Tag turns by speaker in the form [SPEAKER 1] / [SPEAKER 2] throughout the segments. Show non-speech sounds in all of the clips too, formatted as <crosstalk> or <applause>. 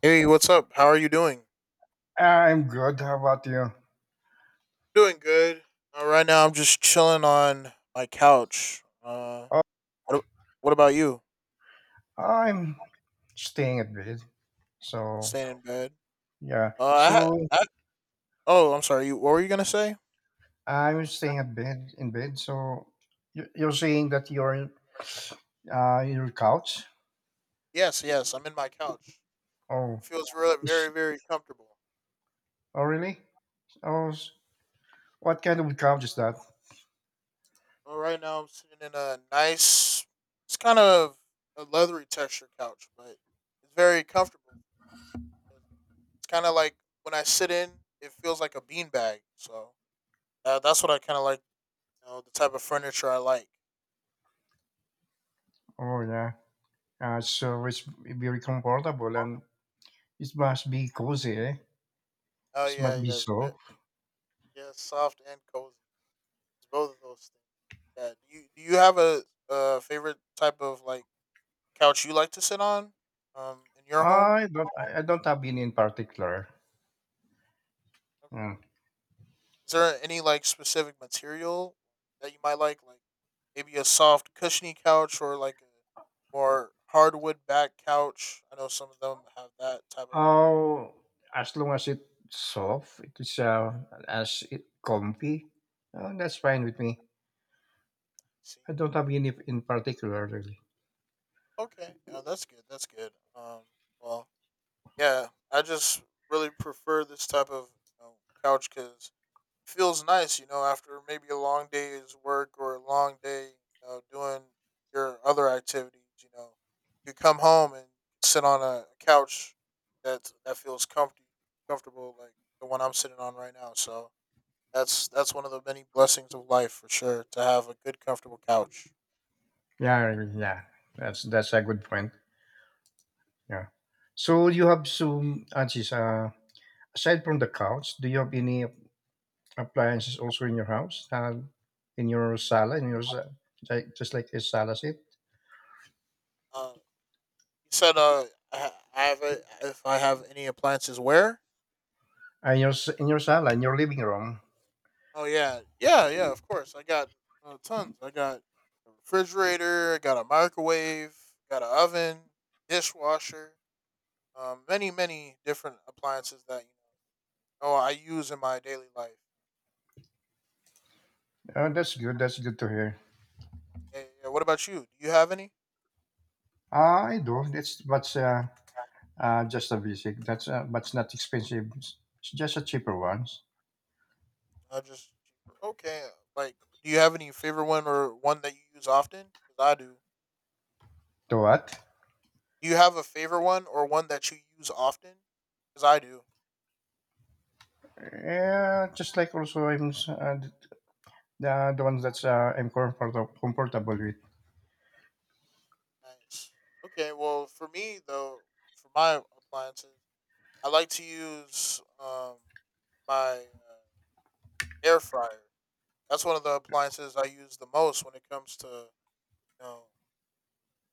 [SPEAKER 1] Hey, what's up? How are you doing?
[SPEAKER 2] I'm good. How about you?
[SPEAKER 1] Doing good. Right now, I'm just chilling on my couch.
[SPEAKER 2] Oh,
[SPEAKER 1] What, a- what about you?
[SPEAKER 2] I'm staying at bed. So
[SPEAKER 1] Staying in bed.
[SPEAKER 2] yeah.
[SPEAKER 1] I, ha-
[SPEAKER 2] So
[SPEAKER 1] I oh, I'm sorry. You, what were you gonna say?
[SPEAKER 2] I'm staying at bed in bed. So you're saying that you're your couch?
[SPEAKER 1] Yes, yes. I'm in my couch.
[SPEAKER 2] Oh,
[SPEAKER 1] Feels really
[SPEAKER 2] is
[SPEAKER 1] very, very comfortable.
[SPEAKER 2] oh really? Oh, s- what kind of couch is that?
[SPEAKER 1] Well, right now, I'm sitting in a nice. It's kind of a leathery texture couch, but it's very comfortable. It's kind of like when I sit in, it feels like a beanbag. So that's what I kind of like. You know, the type of furniture I like.
[SPEAKER 2] Oh yeah. So it's very comfortable and it must be cozy. Eh?
[SPEAKER 1] Oh
[SPEAKER 2] It
[SPEAKER 1] yeah,
[SPEAKER 2] must be
[SPEAKER 1] yeah,
[SPEAKER 2] so.
[SPEAKER 1] yeah, soft and cozy. It's both of those things. Yeah. Do you have a favorite type of like couch you like to sit on? In your home.
[SPEAKER 2] I don't. I don't have any in particular. Hmm.
[SPEAKER 1] Okay. Is there any like specific material that you might like? Like maybe a soft cushiony couch or like a more hardwood back couch. I know some of them have that type of
[SPEAKER 2] Oh, as long as it's soft, it's as it comfy, that's fine with me.
[SPEAKER 1] seat.
[SPEAKER 2] I don't have any in particular, really.
[SPEAKER 1] Okay. Yeah, that's good. That's good. Well. Yeah, I just really prefer this type of, you know, couch because it feels nice, you know, after maybe a long day's work or a long day, you know, doing your other activities, you know, you come home and sit on a couch that feels comfy, comfortable, like the one I'm sitting on right now. So that's one of the many blessings of life for sure to have a good, comfortable couch.
[SPEAKER 2] Yeah, really, yeah, that's a good point. Yeah. So you have some, Ajis, aside from the couch, do you have any appliances also in your house, in your sala, like just like a sala seat,
[SPEAKER 1] You said, I have a, if I have any appliances, where?
[SPEAKER 2] in your sala, in your living room?
[SPEAKER 1] Oh yeah, yeah, yeah. Of course, I got tons. I got a refrigerator. I got a microwave. Got an oven, dishwasher. Many, many different appliances that you know. Oh, I use in my daily life.
[SPEAKER 2] That's good. That's good to hear.
[SPEAKER 1] Yeah, yeah, yeah. What about you? Do you have any?
[SPEAKER 2] Ah, I do. That's what's Just a basic. That's But it's not expensive. It's just a cheaper ones.
[SPEAKER 1] I just okay. Like, do you have any favorite one or one that you use often? Because I do.
[SPEAKER 2] The what?
[SPEAKER 1] Do you have a favorite one or one that you use often? Because I do.
[SPEAKER 2] Yeah, just like also the ones that's I'm comfortable with.
[SPEAKER 1] Nice. Okay. Well, for me though, for my appliances, I like to use my uh, air fryer. That's one of the appliances I use the most when it comes to, you know,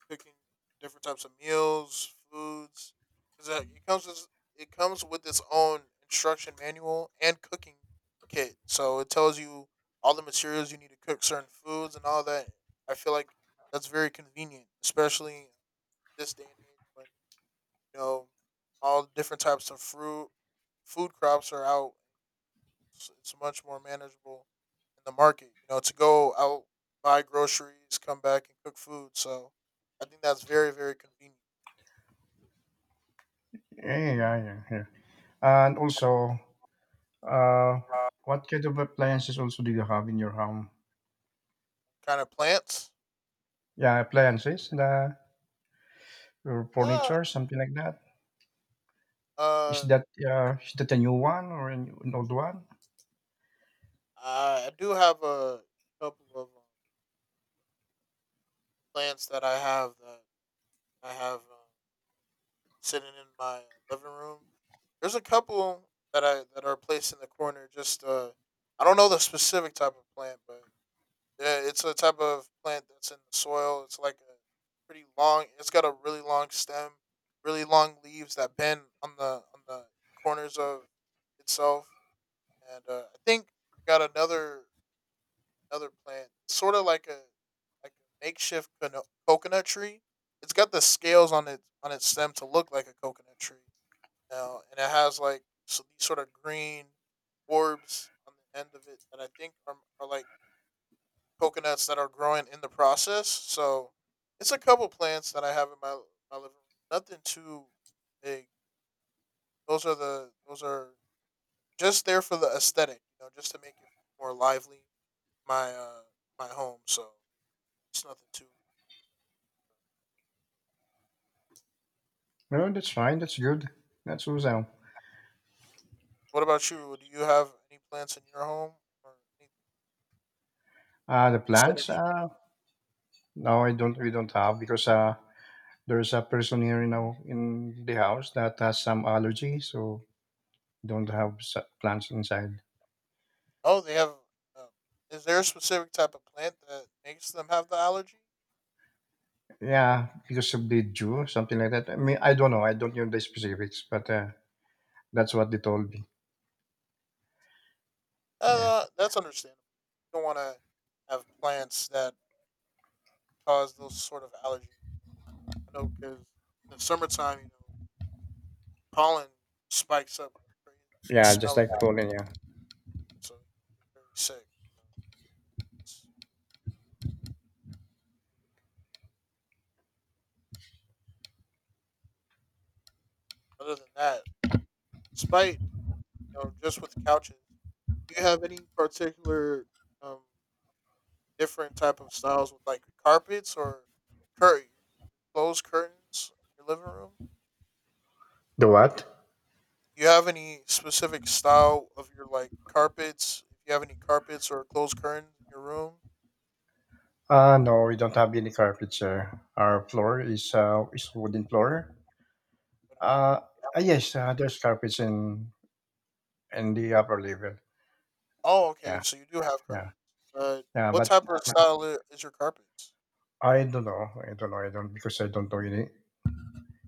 [SPEAKER 1] cooking different types of meals, foods. Is that it comes with its own instruction manual and cooking kit, so it tells you all the materials you need to cook certain foods and all that. I feel like that's very convenient, especially this day and age when, you know, all different types of fruit food crops are out. It's much more manageable in the market, you know, to go out, buy groceries, come back and cook food. So I think that's very, very convenient.
[SPEAKER 2] Yeah. And also, uh,
[SPEAKER 1] Uh,
[SPEAKER 2] what kind of appliances also do you have in your home?
[SPEAKER 1] Kind of plants?
[SPEAKER 2] Yeah, appliances, the your
[SPEAKER 1] Yeah.
[SPEAKER 2] furniture, something like that. Is
[SPEAKER 1] Uh,
[SPEAKER 2] that is that a new one or an old one?
[SPEAKER 1] I do have a couple of plants that I have, that I have sitting in my living room. There's a couple that I that are placed in the corner. Just I don't know the specific type of plant, but yeah, it's a type of plant that's in the soil. It's like a pretty long. It's got a really long stem, really long leaves that bend on the corners of itself. And I think I got another another plant. It's sort of like a makeshift coconut tree. It's got the scales on its stem to look like a coconut tree now, and it has like so these sort of green orbs on the end of it that I think are like coconuts that are growing in the process. So it's a couple plants that I have in my my living room. Nothing too big. Those are just there for the aesthetic, you know, just to make it more lively, my my home. So it's nothing too.
[SPEAKER 2] No, that's fine. That's good. That's awesome.
[SPEAKER 1] What about you? Do you have any plants in your home or any
[SPEAKER 2] The plants.
[SPEAKER 1] vicinity?
[SPEAKER 2] No, I don't. We don't have because there's a person here in our, in the house that has some allergy, so don't have plants inside.
[SPEAKER 1] Oh, they have. Um, is there a specific type of plant that makes them have the allergy?
[SPEAKER 2] Yeah, because of the dew, something like that. I mean, I don't know. I don't know the specifics, but that's what they told me. Yeah,
[SPEAKER 1] Oh, that's understandable. You don't want to have plants that cause those sort of allergies. I know because in the summertime, you know, pollen spikes up like crazy. You can
[SPEAKER 2] yeah, just
[SPEAKER 1] smell it,
[SPEAKER 2] like Pauline. Yeah.
[SPEAKER 1] so you get very sick. It's- Other than that, despite, you know, just with couches, do you have any particular um different type of styles with like carpets or curtain closed curtains in your living room?
[SPEAKER 2] The what?
[SPEAKER 1] Do you have any specific style of your like carpets? If you have any carpets or closed curtains in your room?
[SPEAKER 2] No, we don't have any carpets here. Our floor is wooden floor. Uh, yes, there's carpets in the upper level.
[SPEAKER 1] Oh, okay.
[SPEAKER 2] Yeah,
[SPEAKER 1] So you do have carpets.
[SPEAKER 2] yeah,
[SPEAKER 1] Uh,
[SPEAKER 2] yeah.
[SPEAKER 1] what
[SPEAKER 2] But
[SPEAKER 1] type of style is your carpets?
[SPEAKER 2] I don't know. I don't know. I don't because I don't know any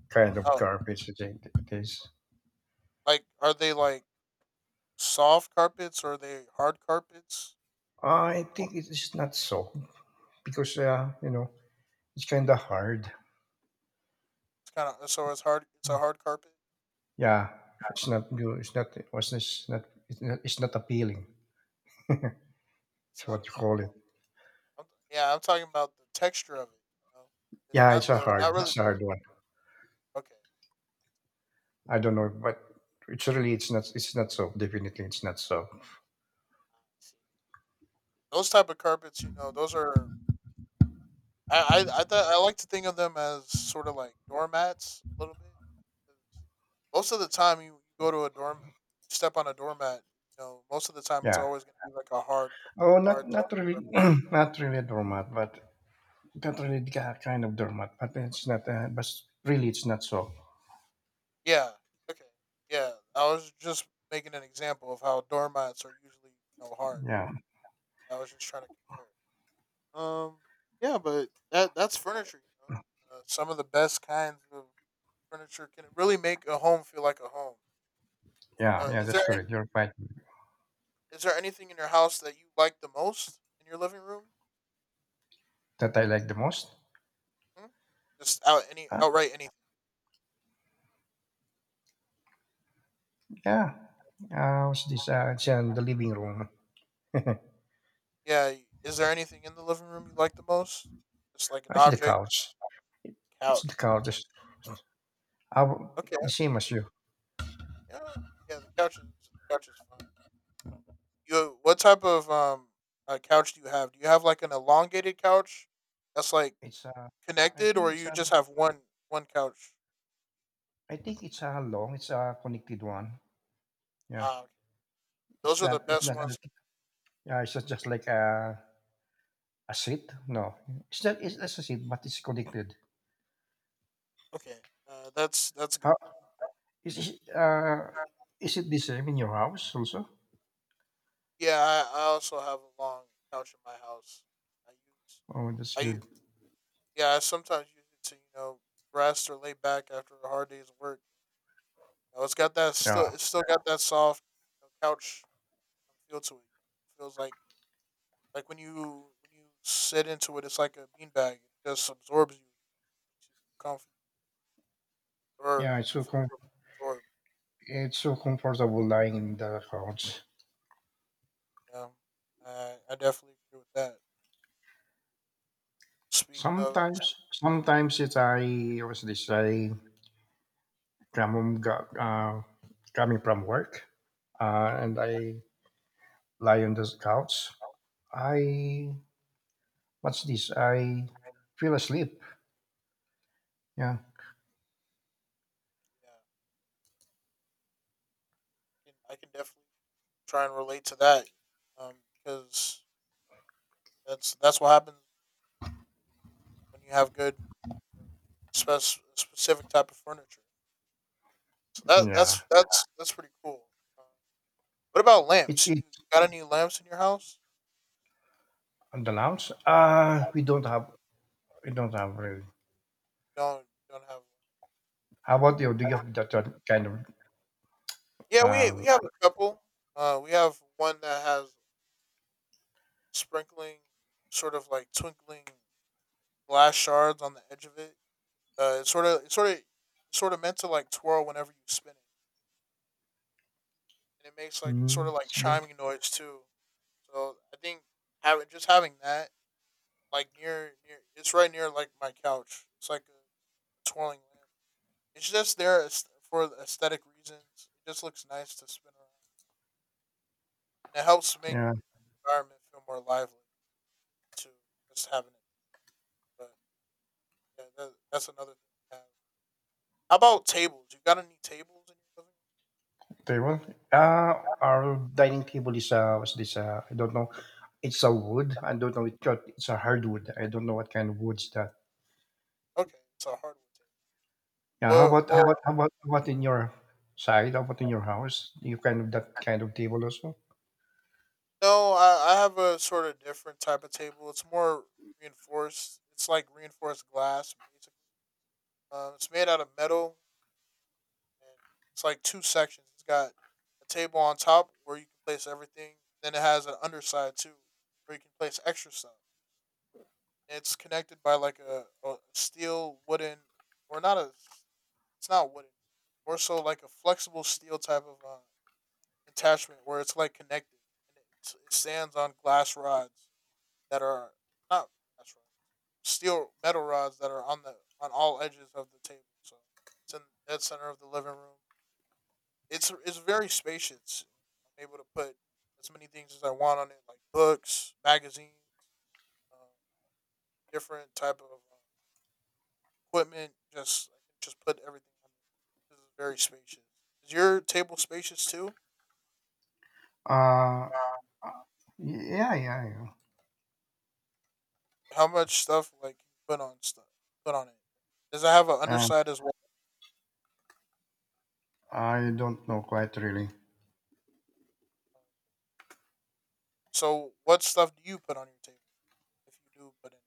[SPEAKER 2] kind of
[SPEAKER 1] Oh,
[SPEAKER 2] garbage it is.
[SPEAKER 1] like are they like soft carpets or are they hard carpets?
[SPEAKER 2] I think it is not so because you know it's kind of hard.
[SPEAKER 1] It's kind of so it's hard. It's a hard carpet.
[SPEAKER 2] Yeah, it's not good. It's not appealing.
[SPEAKER 1] It's
[SPEAKER 2] It's
[SPEAKER 1] not
[SPEAKER 2] what
[SPEAKER 1] a.
[SPEAKER 2] you call it.
[SPEAKER 1] <laughs> I'm, yeah, I'm talking about the texture of it. You know?
[SPEAKER 2] Yeah,
[SPEAKER 1] Not the. Not really.
[SPEAKER 2] It's a
[SPEAKER 1] The,
[SPEAKER 2] hard one.
[SPEAKER 1] okay,
[SPEAKER 2] I don't know, but it's really It's not so. Definitely, it's not so.
[SPEAKER 1] those type of carpets. You know, those are I like to think of them as sort of like doormats a little bit. 'Cause most of the time, you go to a doormat, you step on a doormat. You know, most of the time, it's
[SPEAKER 2] Yeah.
[SPEAKER 1] always gonna be like a hard, c-
[SPEAKER 2] Oh, not
[SPEAKER 1] hard type of
[SPEAKER 2] not really,
[SPEAKER 1] carpet.
[SPEAKER 2] <clears throat> not really doormat, but not really the kind of doormat. But it's not. But really, it's not so.
[SPEAKER 1] Yeah. Okay. Yeah. I was just making an example of how doormats are usually, you know, hard.
[SPEAKER 2] Yeah.
[SPEAKER 1] I was just trying to compare. Um. Yeah, but that's furniture. You know, some of the best kinds of furniture can really make a home feel like a home.
[SPEAKER 2] Yeah,
[SPEAKER 1] Uh,
[SPEAKER 2] yeah,
[SPEAKER 1] is
[SPEAKER 2] that's
[SPEAKER 1] there
[SPEAKER 2] correct. You're right.
[SPEAKER 1] Is there anything in your house that you like the most in your living room?
[SPEAKER 2] That I like the most?
[SPEAKER 1] Hmm? Just out any
[SPEAKER 2] Uh,
[SPEAKER 1] outright anything.
[SPEAKER 2] yeah. What's this? It's in the living room. <laughs>
[SPEAKER 1] Yeah. Is there anything in the living room you like the most? Just like an
[SPEAKER 2] It's the
[SPEAKER 1] object,
[SPEAKER 2] couch. It's the
[SPEAKER 1] couch.
[SPEAKER 2] couch. It's, I w-
[SPEAKER 1] Okay.
[SPEAKER 2] the same as you.
[SPEAKER 1] Yeah, okay. Yeah. The couch is fine. You what type of couch do you have? Do you have like an elongated couch that's like
[SPEAKER 2] It's I
[SPEAKER 1] connected,
[SPEAKER 2] think
[SPEAKER 1] or
[SPEAKER 2] it's
[SPEAKER 1] you
[SPEAKER 2] a,
[SPEAKER 1] just have one one couch?
[SPEAKER 2] I think it's a long. It's a connected one. Yeah.
[SPEAKER 1] Ah, okay,
[SPEAKER 2] It's
[SPEAKER 1] those are the
[SPEAKER 2] not. It's
[SPEAKER 1] best
[SPEAKER 2] not
[SPEAKER 1] ones.
[SPEAKER 2] just. Yeah. It's not just like a seat. No. It's not a seat, but it's connected.
[SPEAKER 1] Okay. That's good.
[SPEAKER 2] How is it? Is it the same in your house also?
[SPEAKER 1] Yeah, I also have a long couch in my house. I use
[SPEAKER 2] Oh, that's
[SPEAKER 1] I u-
[SPEAKER 2] good.
[SPEAKER 1] Yeah, I sometimes use it to, you know, rest or lay back after a hard day's work. You know, it's got that still
[SPEAKER 2] Yeah.
[SPEAKER 1] it's still got that soft, you know, couch feel to it. It feels like when you sit into it it's like a beanbag. It just absorbs you, makes you comfy or
[SPEAKER 2] Yeah.
[SPEAKER 1] feel absorbed.
[SPEAKER 2] It's so comfortable lying in the couch.
[SPEAKER 1] Yeah. I definitely agree with that. Speaking of
[SPEAKER 2] Sometimes, sometimes it's I was this I come home, coming from work, and I lie on the couch. I what's this? I feel asleep. Yeah,
[SPEAKER 1] yeah, I can definitely try and relate to that um, because that's what happens when you have good, spec- specific type of furniture. So that
[SPEAKER 2] yeah.
[SPEAKER 1] that's that's that's pretty cool. Um, what about
[SPEAKER 2] It
[SPEAKER 1] lamps? You
[SPEAKER 2] it
[SPEAKER 1] got any lamps in your house?
[SPEAKER 2] On the lounge. Uh, we don't have really.
[SPEAKER 1] Don't have.
[SPEAKER 2] How about you? Do you have that kind of
[SPEAKER 1] Yeah,
[SPEAKER 2] uh?
[SPEAKER 1] we have a couple. We have one that has sprinkling, sort of like twinkling glass shards on the edge of it. It's sort of it's sort of meant to like twirl whenever you spin it, and it makes like a sort
[SPEAKER 2] Mm,
[SPEAKER 1] of like
[SPEAKER 2] it's good.
[SPEAKER 1] chiming noise too. So I think having just having that like near. It's right near like my couch. It's like a twirling lamp. It's just there as- for aesthetic reasons. It just looks nice to spin around, and it helps make
[SPEAKER 2] Yeah.
[SPEAKER 1] the environment feel more lively too. Just having it, but yeah, that's another thing to have. How about tables? You got any tables in your
[SPEAKER 2] Table. Uh, our dining table is what's this? I don't know. It's a wood. I don't know. It's a hardwood. I don't know what kind of wood's that.
[SPEAKER 1] living room? Okay, it's a hardwood table.
[SPEAKER 2] Yeah. How
[SPEAKER 1] Well,
[SPEAKER 2] about how about
[SPEAKER 1] well,
[SPEAKER 2] how about how about in your side? How about in your house? You kind of that kind of table also.
[SPEAKER 1] no, I have a sort of different type of table. It's more reinforced. It's like reinforced glass, basically. It's made out of metal and it's like two sections. It's got a table on top where you can place everything. Then it has an underside too, where you can place extra stuff. It's connected by like a steel wooden, or not a. It's not wooden. More so like a flexible steel type of attachment where it's like connected, and it stands on glass rods that are not glass rods, steel metal rods that are on the on all edges of the table. So it's in the dead center of the living room. It's very spacious. I'm able to put as many things as I want on it, like books, magazines, um, different type of equipment. Just I can just put everything on it. This is very spacious. Is your table spacious too?
[SPEAKER 2] Uh,
[SPEAKER 1] Uh,
[SPEAKER 2] yeah.
[SPEAKER 1] How much stuff like can you put on stuff put on it? Does it have an
[SPEAKER 2] Uh,
[SPEAKER 1] underside as well?
[SPEAKER 2] I don't know quite really.
[SPEAKER 1] So what stuff do you put on your table if you do put it,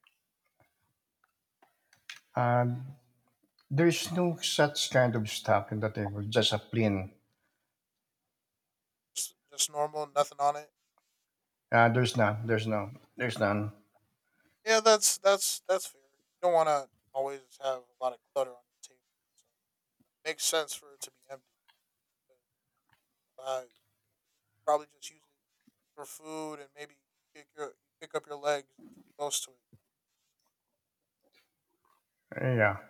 [SPEAKER 2] Uh, there's no such kind of stuff in the table. Just a plain.
[SPEAKER 1] just normal, nothing on it.
[SPEAKER 2] There's none. There's no. There's none.
[SPEAKER 1] Yeah, that's that's fair. You don't want to always have a lot of clutter on your table. So it makes sense for it to be empty. But I probably just use it for food and maybe pick your pick up your legs if you're close to it.
[SPEAKER 2] Yeah.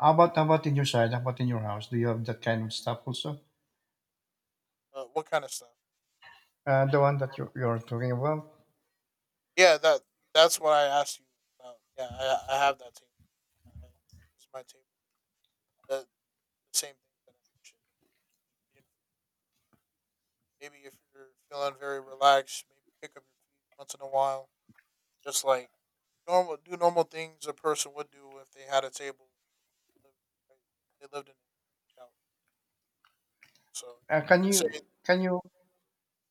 [SPEAKER 2] How about in your side? How about in your house? Do you have that kind of stuff also?
[SPEAKER 1] What kind of stuff?
[SPEAKER 2] The one that you you're talking about.
[SPEAKER 1] Yeah, that's what I asked you about. Yeah, I have that table. I, it's my table. The, the same thing that I mentioned. You- Maybe if you're feeling very relaxed, maybe pick up your feet once in a while. Just like normal do normal things a person would do if they had a table. They lived in a couch. So
[SPEAKER 2] Uh, can
[SPEAKER 1] let's
[SPEAKER 2] you
[SPEAKER 1] say.
[SPEAKER 2] can you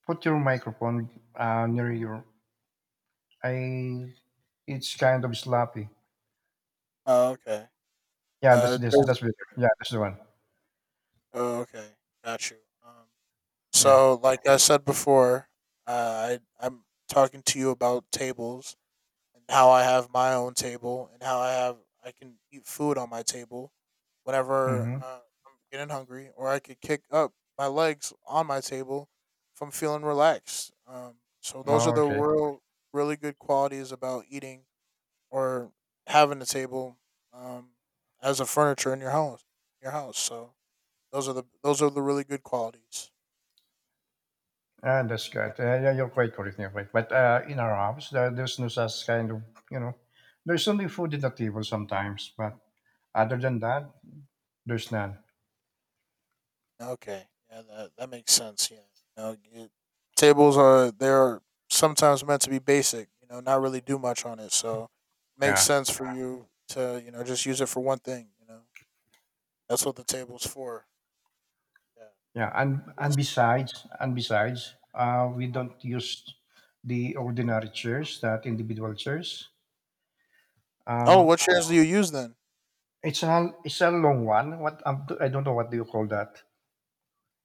[SPEAKER 2] put your microphone near your? I it's kind of sloppy.
[SPEAKER 1] Oh, okay.
[SPEAKER 2] Yeah, that's
[SPEAKER 1] Uh,
[SPEAKER 2] this
[SPEAKER 1] does,
[SPEAKER 2] that's better. Yeah, that's the one.
[SPEAKER 1] oh, okay. Got you. Um,
[SPEAKER 2] Yeah.
[SPEAKER 1] so like I said before, I'm talking to you about tables and how I have my own table and how I can eat food on my table whenever
[SPEAKER 2] Mm-hmm.
[SPEAKER 1] I'm getting hungry, or I could kick up my legs on my table if I'm feeling relaxed. So those are
[SPEAKER 2] Oh,
[SPEAKER 1] the
[SPEAKER 2] okay.
[SPEAKER 1] really good qualities about eating or having a table um, as a furniture in your house. Your house. So those are the really good qualities.
[SPEAKER 2] Ah, that's good. Yeah, you're quite correct. You're right. But in our house, there's no such kind of you know. There's only food in the table sometimes, but other than that, there's none.
[SPEAKER 1] Okay, yeah, that makes sense. Yeah, you know, tables are they're sometimes meant to be basic. You know, not really do much on it, so it makes
[SPEAKER 2] Yeah.
[SPEAKER 1] sense for you to, you know, just use it for one thing. You know, that's what the table's for. Yeah.
[SPEAKER 2] And besides, we don't use the ordinary chairs, that individual chairs.
[SPEAKER 1] Oh,
[SPEAKER 2] Uh,
[SPEAKER 1] what chairs do you use then?
[SPEAKER 2] it's a long one. What I don't know what do you call that?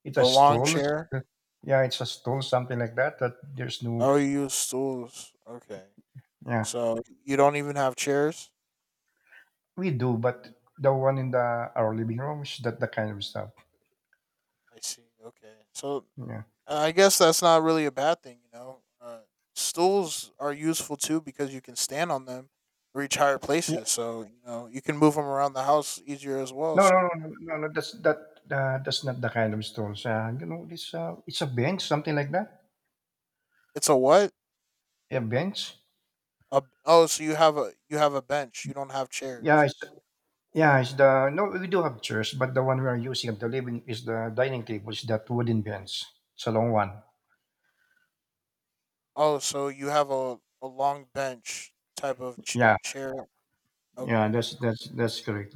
[SPEAKER 2] It's a
[SPEAKER 1] A long
[SPEAKER 2] stool.
[SPEAKER 1] chair.
[SPEAKER 2] <laughs> Yeah, it's a stool, something like that. That there's
[SPEAKER 1] Oh,
[SPEAKER 2] no.
[SPEAKER 1] you use stools. Okay,
[SPEAKER 2] Yeah,
[SPEAKER 1] so you don't even have chairs.
[SPEAKER 2] we do, but the one in the our living room is that the kind of stuff.
[SPEAKER 1] I see. Okay, so
[SPEAKER 2] Yeah.
[SPEAKER 1] I guess that's not really a bad thing, you know. Stools are useful too because you can stand on them, reach higher
[SPEAKER 2] Yeah.
[SPEAKER 1] places. So you know you can move them around the house easier as well.
[SPEAKER 2] No, no,
[SPEAKER 1] So
[SPEAKER 2] no, no, no. no, That's that. That's not the kind of stool. You know, it's a bench, something like that.
[SPEAKER 1] it's a what?
[SPEAKER 2] A bench.
[SPEAKER 1] Oh, so you have a bench. You don't have
[SPEAKER 2] Yeah,
[SPEAKER 1] chairs.
[SPEAKER 2] it's Yeah, it's the no, we do have chairs, but the one we are using at the living is the dining table. Is that wooden bench? It's a long one.
[SPEAKER 1] Oh, so you have a long bench type of
[SPEAKER 2] Yeah,
[SPEAKER 1] chair.
[SPEAKER 2] yeah,
[SPEAKER 1] Okay.
[SPEAKER 2] that's that's correct.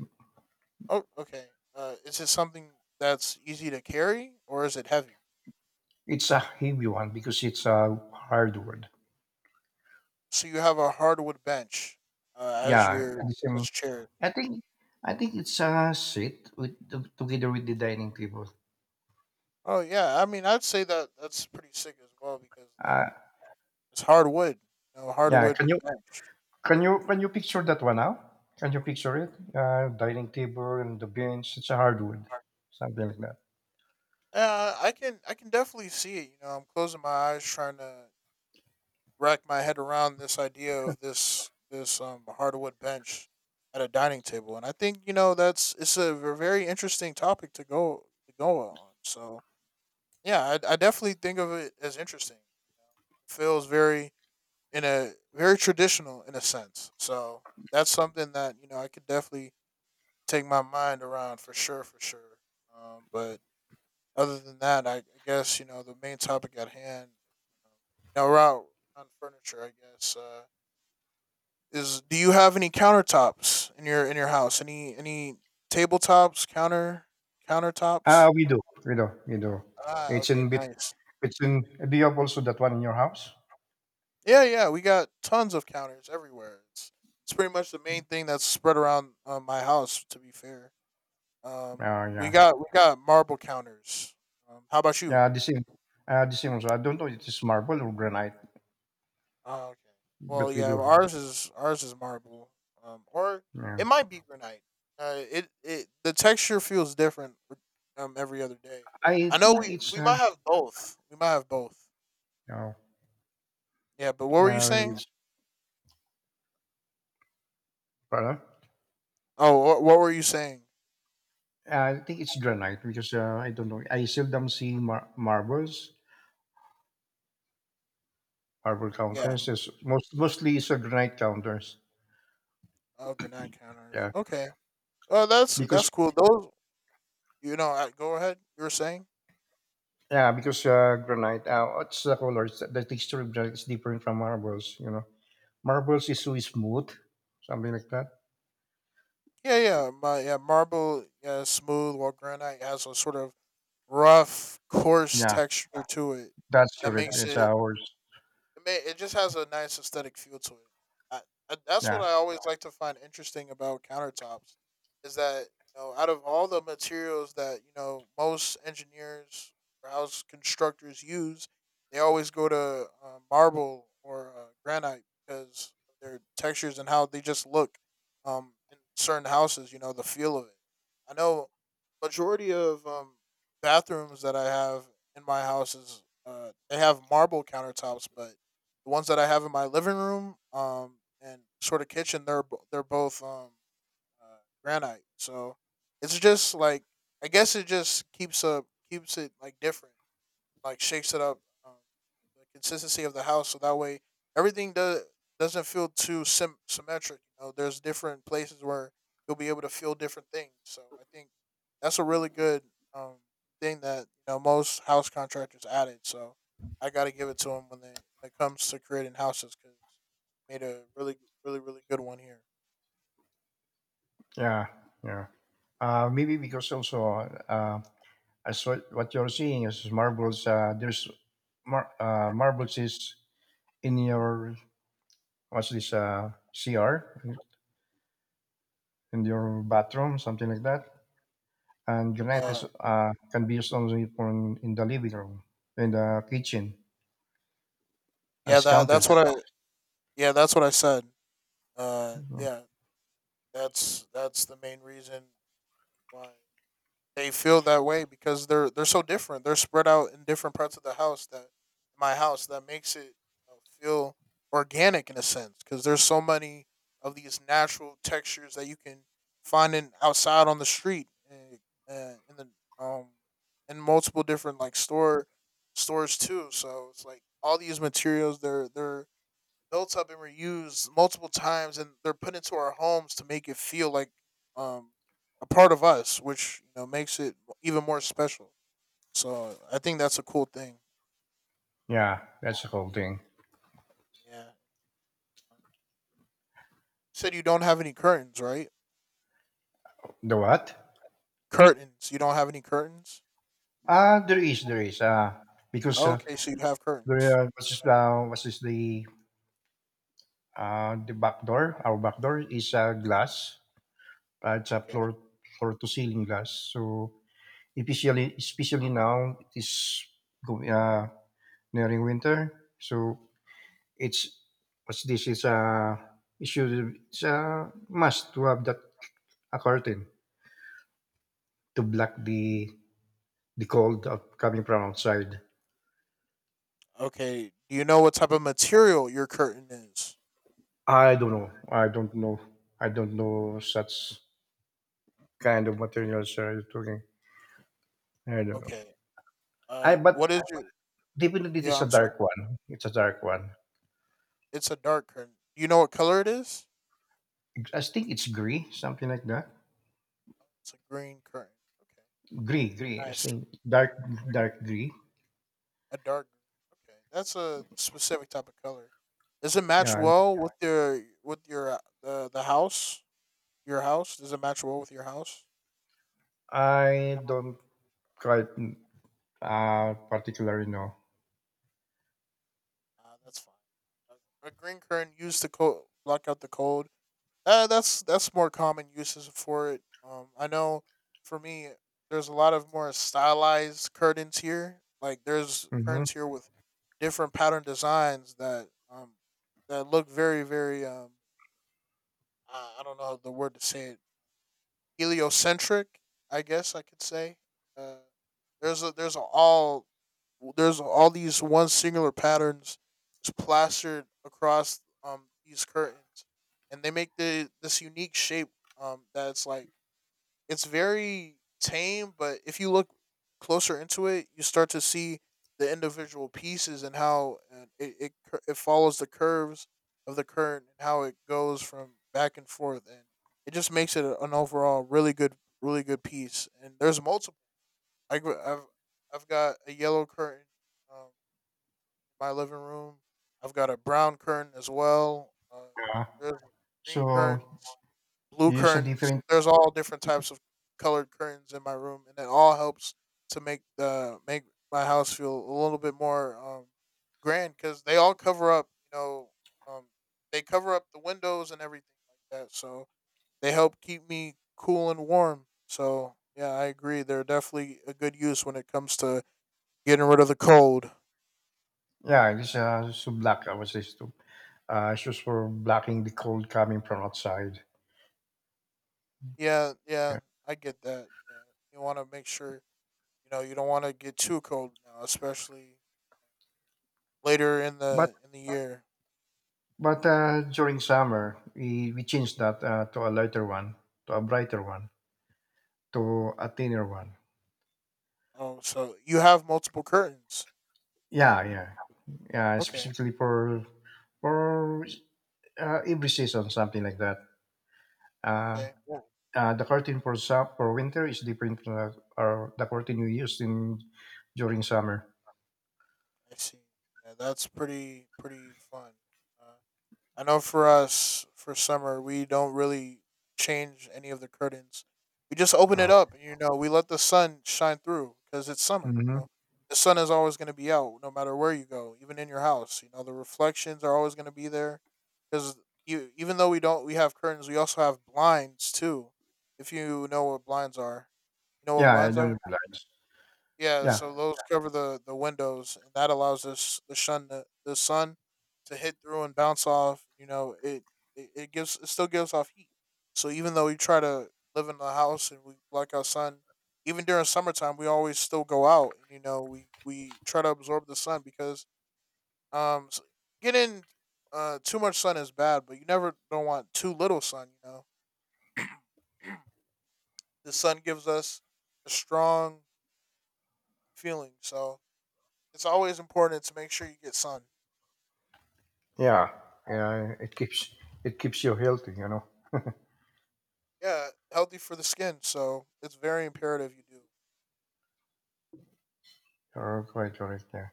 [SPEAKER 1] Oh, okay. Is it something that's easy to carry or is it heavy?
[SPEAKER 2] It's a heavy one because it's a hardwood.
[SPEAKER 1] So you have a hardwood bench as
[SPEAKER 2] Yeah,
[SPEAKER 1] your
[SPEAKER 2] the
[SPEAKER 1] as
[SPEAKER 2] same.
[SPEAKER 1] chair.
[SPEAKER 2] I think I think it's a seat with together with the dining table.
[SPEAKER 1] Oh yeah, I mean, I'd say that that's pretty sick as well because like
[SPEAKER 2] Uh,
[SPEAKER 1] it's hardwood, you know,
[SPEAKER 2] yeah,
[SPEAKER 1] hardwood. Right.
[SPEAKER 2] can you picture that one now? Can you picture it? Dining table and the bench. It's a hardwood, something like that.
[SPEAKER 1] I can definitely see it. You know, I'm closing my eyes trying to rack my head around this idea of this hardwood bench at a dining table, and I think you know that's it's a very interesting topic to go on. So yeah, I definitely think of it as interesting. You know? It feels very in a very traditional in a sense. So that's something that you know I could definitely take my mind around for sure, for sure. But other than that, I guess you know the main topic at hand. Um, now we're out on furniture. I guess is, do you have any countertops in your house? Any tabletops,
[SPEAKER 2] Ah,
[SPEAKER 1] countertops?
[SPEAKER 2] we do, we do, we do.
[SPEAKER 1] Ah,
[SPEAKER 2] It's
[SPEAKER 1] okay,
[SPEAKER 2] in between
[SPEAKER 1] nice.
[SPEAKER 2] It's in Do you have also that one in your house?
[SPEAKER 1] Yeah, yeah, we got tons of counters everywhere. It's pretty much the main thing that's spread around my house. To be fair, um,
[SPEAKER 2] Oh,
[SPEAKER 1] we
[SPEAKER 2] yeah.
[SPEAKER 1] got marble counters. How about you?
[SPEAKER 2] Yeah, the same. The same also. I don't know if it's marble or granite,
[SPEAKER 1] Oh, okay. Well,
[SPEAKER 2] but we
[SPEAKER 1] yeah,
[SPEAKER 2] do
[SPEAKER 1] well,
[SPEAKER 2] have it.
[SPEAKER 1] ours is marble, or
[SPEAKER 2] Yeah.
[SPEAKER 1] it might be granite. It the texture feels different every other day.
[SPEAKER 2] I
[SPEAKER 1] I know
[SPEAKER 2] think
[SPEAKER 1] we
[SPEAKER 2] it's,
[SPEAKER 1] might have both. We might have both.
[SPEAKER 2] yeah,
[SPEAKER 1] Yeah, but what were you
[SPEAKER 2] yeah, really,
[SPEAKER 1] saying?
[SPEAKER 2] it's, Pardon?
[SPEAKER 1] Oh, what were you saying?
[SPEAKER 2] I think it's granite because I don't know. I seldom see marbles, marble
[SPEAKER 1] Yeah.
[SPEAKER 2] counters. Mostly it's a granite counters.
[SPEAKER 1] Oh, granite counters.
[SPEAKER 2] Yeah.
[SPEAKER 1] Okay. Oh, that's
[SPEAKER 2] Because,
[SPEAKER 1] cool. Those, you know, go ahead. You were saying?
[SPEAKER 2] yeah, because granite, what's the color? It's, the texture of granite is different from marbles, you know. Marbles is so smooth, something like that.
[SPEAKER 1] Yeah, yeah. My yeah, marble, yeah, is smooth. While granite has a sort of rough, coarse
[SPEAKER 2] Yeah.
[SPEAKER 1] texture to it
[SPEAKER 2] That's
[SPEAKER 1] that
[SPEAKER 2] true.
[SPEAKER 1] makes
[SPEAKER 2] It's
[SPEAKER 1] it.
[SPEAKER 2] ours.
[SPEAKER 1] It may, it just has a nice aesthetic feel to it. I, that's what
[SPEAKER 2] Yeah,
[SPEAKER 1] I always like to find interesting about countertops is that you know out of all the materials that you know most engineers or house constructors use, they always go to marble or granite because of their textures and how they just look. In certain houses, you know the feel of it. I know majority of bathrooms that I have in my house is they have marble countertops, but the ones that I have in my living room, and sort of kitchen, they're they're both uh, granite. So it's just like I guess it just keeps it like different, like shakes it up, um, the consistency of the house so that way everything does doesn't feel too symmetric. You know, there's different places where you'll be able to feel different things. So I think that's a really good um thing that you know most house contractors added. So I got to give it to them when they when it comes to creating houses because made a really, really, really good one here.
[SPEAKER 2] yeah, yeah. Maybe because also uh, as what you're seeing is marbles. There's marbles is in your what's this CR in your bathroom, something like that. And granite
[SPEAKER 1] uh
[SPEAKER 2] is can be used only for in the living room, in the kitchen,
[SPEAKER 1] yeah
[SPEAKER 2] as
[SPEAKER 1] that that's
[SPEAKER 2] countertop.
[SPEAKER 1] what i yeah, that's what I said. Uh, yeah, that's the main reason why they feel that way because they're so different. They're spread out in different parts of the house that my house that makes it feel organic in a sense because there's so many of these natural textures that you can find in outside on the street and in the in multiple different like stores too. So it's like all these materials, they're built up and reused multiple times and they're put into our homes to make it feel like um, a part of us, which you know makes it even more special. So I think that's a cool thing.
[SPEAKER 2] Yeah, that's the whole thing.
[SPEAKER 1] Yeah. You said you don't have any curtains, right?
[SPEAKER 2] The what?
[SPEAKER 1] Curtains. You don't have any curtains.
[SPEAKER 2] Ah, there is, there is. Because
[SPEAKER 1] Okay, so you have curtains.
[SPEAKER 2] there, what's this the back door, our back door is glass. It's a
[SPEAKER 1] Okay.
[SPEAKER 2] floor floor to ceiling glass. So especially now it is go- uh, nearing winter. So it's what's this is a it should it's a must to have that a curtain to block the coming from outside.
[SPEAKER 1] Okay. Do you know what type of material your curtain is?
[SPEAKER 2] I don't know. I don't know. I don't know such kind of materials are you talking. I don't know.
[SPEAKER 1] Okay.
[SPEAKER 2] I but
[SPEAKER 1] What is your?
[SPEAKER 2] Definitely, it's
[SPEAKER 1] Yeah,
[SPEAKER 2] a
[SPEAKER 1] I'm sorry.
[SPEAKER 2] dark one. It's a dark one.
[SPEAKER 1] It's a dark curtain. Do you know what color it is?
[SPEAKER 2] I think it's grey, something like that.
[SPEAKER 1] It's a green curtain. Okay.
[SPEAKER 2] Grey, grey. I
[SPEAKER 1] Nice.
[SPEAKER 2] think dark, dark grey.
[SPEAKER 1] A dark green. Okay, that's a specific type of color. Does it match
[SPEAKER 2] Yeah,
[SPEAKER 1] well with your the house? Your house, does it match well with your house?
[SPEAKER 2] I don't quite particularly know.
[SPEAKER 1] That's fine. A green curtain used to block out the cold. That's more common uses for it. I know for me, there's a lot of more stylized curtains here. Like there's
[SPEAKER 2] Mm-hmm.
[SPEAKER 1] curtains here with different pattern designs that that look very very I don't know the word to say it, heliocentric, I guess I could say. Uh, there's a, there's a all there's all these one singular patterns just plastered across these curtains, and they make the this unique shape that's like it's very tame, but if you look closer into it, you start to see the individual pieces and how, and it it follows the curves of the current and how it goes from back and forth, and it just makes it an overall really good, really good piece. And there's multiple. I, gr- I've got a yellow curtain in my living room. I've got a brown curtain as well.
[SPEAKER 2] Yeah.
[SPEAKER 1] There's green curtains,
[SPEAKER 2] So
[SPEAKER 1] blue
[SPEAKER 2] you use a
[SPEAKER 1] curtains.
[SPEAKER 2] different.
[SPEAKER 1] There's all different types of colored curtains in my room, and it all helps to make the make my house feel a little bit more grand because they all cover up. You know, um, they cover up the windows and everything like that, so they help keep me cool and warm. So yeah, I agree. They're definitely a good use when it comes to getting rid of the cold.
[SPEAKER 2] Yeah, it's so black. I was just it's just for blocking the cold coming from outside.
[SPEAKER 1] Yeah, yeah,
[SPEAKER 2] Yeah.
[SPEAKER 1] I get that. Yeah, you want to make sure you know you don't want to get too cold now, especially later
[SPEAKER 2] But
[SPEAKER 1] in the year.
[SPEAKER 2] during summer, we changed that to a lighter one, to a brighter one, to a thinner one.
[SPEAKER 1] Oh, so you have multiple curtains.
[SPEAKER 2] Yeah, yeah. Yeah,
[SPEAKER 1] Okay.
[SPEAKER 2] specifically for for every season, something like that. Uh,
[SPEAKER 1] Okay. Yeah.
[SPEAKER 2] the curtain for for winter is different from the, or the curtain you used in during summer.
[SPEAKER 1] I see. Yeah, that's pretty pretty fun. Uh, I know for us for summer we don't really change any of the curtains. We just open it
[SPEAKER 2] Oh.
[SPEAKER 1] up, and you know. We let the sun shine through because it's summer, you
[SPEAKER 2] Hmm.
[SPEAKER 1] know. The sun is always going to be out no matter where you go, even in your house. You know, the reflections are always going to be there because you even though we don't we have curtains, we also have blinds too. If you know what blinds are, you know what
[SPEAKER 2] Yeah, I
[SPEAKER 1] blinds
[SPEAKER 2] don't
[SPEAKER 1] are.
[SPEAKER 2] realize.
[SPEAKER 1] Yeah,
[SPEAKER 2] Yeah,
[SPEAKER 1] so those cover the windows, and that allows this the sun to hit through and bounce off. You know, it gives, it still gives off heat. So even though we try to live in the house and we block out sun, even during summertime, we always still go out, and we try to absorb the sun. Because s- getting too much sun is bad, but you never don't want too little sun. You know, the sun gives us a strong feeling, so it's always important to make sure you get sun.
[SPEAKER 2] yeah, yeah. It keeps you healthy. You know,
[SPEAKER 1] Yeah, healthy for the skin, so it's very imperative you do.
[SPEAKER 2] you're quite correct. Yeah.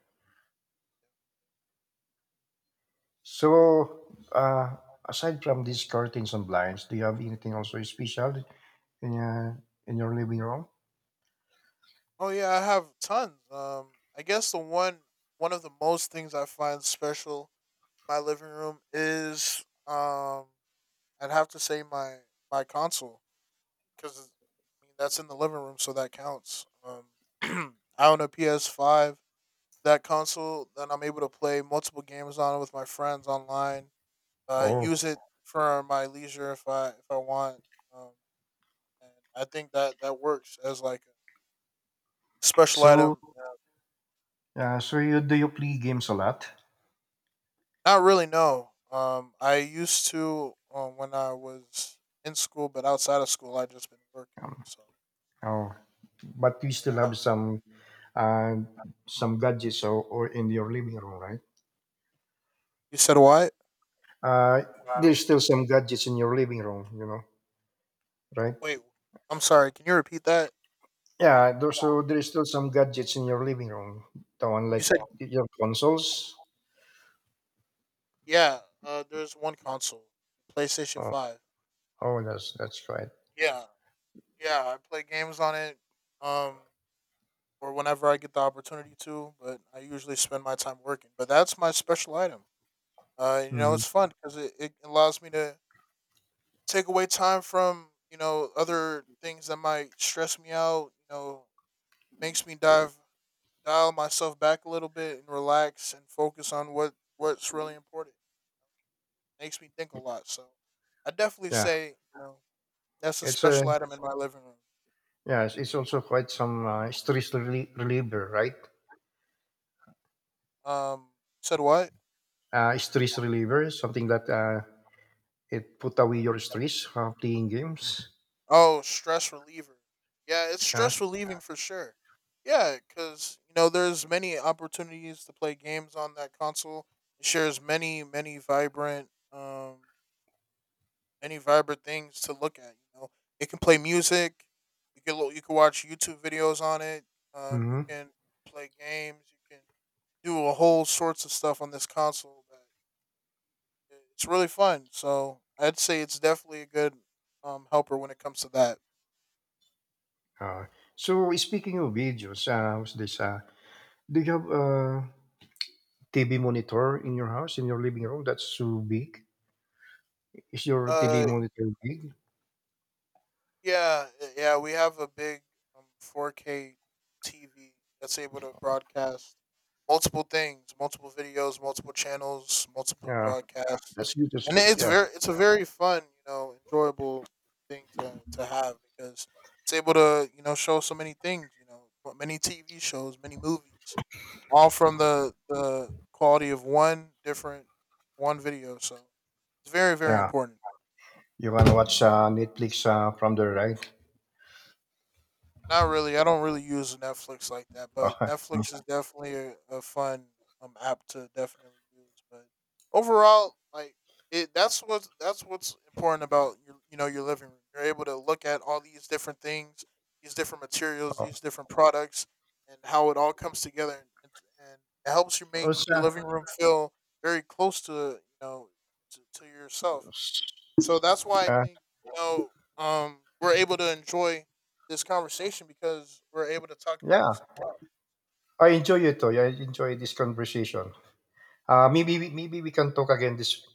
[SPEAKER 2] So, uh, aside from these curtains and blinds, do you have anything also special in, uh, in your living room?
[SPEAKER 1] Oh yeah, I have tons. I guess the one one of the most things I find special in my living room is, I'd have to say my console, because I mean that's in the living room, so that counts. <clears throat> I own a PS5. That console, then I'm able to play multiple games on it with my friends online. Use
[SPEAKER 2] Oh,
[SPEAKER 1] it for my leisure if I want. Um, and I think that works as like a special
[SPEAKER 2] so
[SPEAKER 1] item.
[SPEAKER 2] yeah, so you do you play games a lot?
[SPEAKER 1] Not really, no. I used to, when I was in school, but outside of school, I just been working.
[SPEAKER 2] Um,
[SPEAKER 1] So
[SPEAKER 2] oh, but you still have
[SPEAKER 1] yeah.
[SPEAKER 2] uh, some gadgets or in your living room, right?
[SPEAKER 1] You said what?
[SPEAKER 2] Uh, there's still some gadgets in your living room, you know, right?
[SPEAKER 1] Wait, I'm sorry. Can you repeat that?
[SPEAKER 2] Yeah, there, so there's still some gadgets in your living room. The one
[SPEAKER 1] You said
[SPEAKER 2] like your consoles.
[SPEAKER 1] yeah. There's one console, PlayStation
[SPEAKER 2] Oh,
[SPEAKER 1] Five.
[SPEAKER 2] oh, that's right.
[SPEAKER 1] Yeah, yeah. I play games on it. Um, or whenever I get the opportunity to, but I usually spend my time working. But that's my special item. You know,
[SPEAKER 2] Hmm.
[SPEAKER 1] it's fun because it allows me to take away time from, you know, other things that might stress me out, you know. Makes me dive dial myself back a little bit and relax and focus on what's really important. Makes me think a lot. So I definitely
[SPEAKER 2] Yeah,
[SPEAKER 1] say, you know, that's a
[SPEAKER 2] it's a
[SPEAKER 1] special item in my living room.
[SPEAKER 2] yeah, it's also quite some stress reliever, right?
[SPEAKER 1] Um said what?
[SPEAKER 2] Stress reliever, something that it put away your stress playing games.
[SPEAKER 1] Oh, stress reliever. Yeah, it's
[SPEAKER 2] Yeah.
[SPEAKER 1] stress relieving for sure. Yeah, because you know there's many opportunities to play games on that console. It shares many vibrant things to look at. You know, it can play music. You can watch YouTube videos on it. You
[SPEAKER 2] Hmm.
[SPEAKER 1] can play games. You can do a whole sorts of stuff on this console. That it's really fun. So I'd say it's definitely a good helper when it comes to that.
[SPEAKER 2] Uh, so speaking of videos, what's this? Do you have a TV monitor in your house in your living room? That's too big. Is your TV
[SPEAKER 1] Uh,
[SPEAKER 2] monitor big?
[SPEAKER 1] yeah, we have a big, 4K TV that's able to broadcast multiple things, multiple videos, multiple channels, multiple
[SPEAKER 2] Yeah,
[SPEAKER 1] broadcasts,
[SPEAKER 2] that's good. That's
[SPEAKER 1] and
[SPEAKER 2] good.
[SPEAKER 1] it's
[SPEAKER 2] Yeah,
[SPEAKER 1] very it's a very fun, you know, enjoyable thing to have, because it's able to, you know, show so many things, you know, but many TV shows, many movies, all from the quality of one different one video. So it's very
[SPEAKER 2] yeah.
[SPEAKER 1] important.
[SPEAKER 2] You wanna watch Netflix from the right?
[SPEAKER 1] Not really. I don't really use Netflix like that, but Netflix is
[SPEAKER 2] <laughs>
[SPEAKER 1] definitely a fun app to definitely use. But overall, like it, that's what's important about your, you know, your living room. You're able to look at all these different things, these different materials,
[SPEAKER 2] Oh,
[SPEAKER 1] these different products, and how it all comes together, and, it helps you make
[SPEAKER 2] also,
[SPEAKER 1] your living room feel very close to, you know, to yourself. So that's why I
[SPEAKER 2] uh,
[SPEAKER 1] think, you know, we're able to enjoy this conversation because we're able to talk about it.
[SPEAKER 2] yeah,
[SPEAKER 1] So well.
[SPEAKER 2] I enjoy it. Toy. I enjoy this conversation. Maybe maybe we can talk again this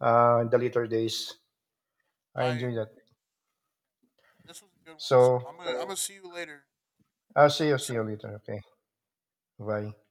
[SPEAKER 2] in the later days. I
[SPEAKER 1] I
[SPEAKER 2] enjoy that.
[SPEAKER 1] This was a good one. So I'm
[SPEAKER 2] So
[SPEAKER 1] gonna I'm gonna see you later.
[SPEAKER 2] I'll see you. See you later. Okay. Bye.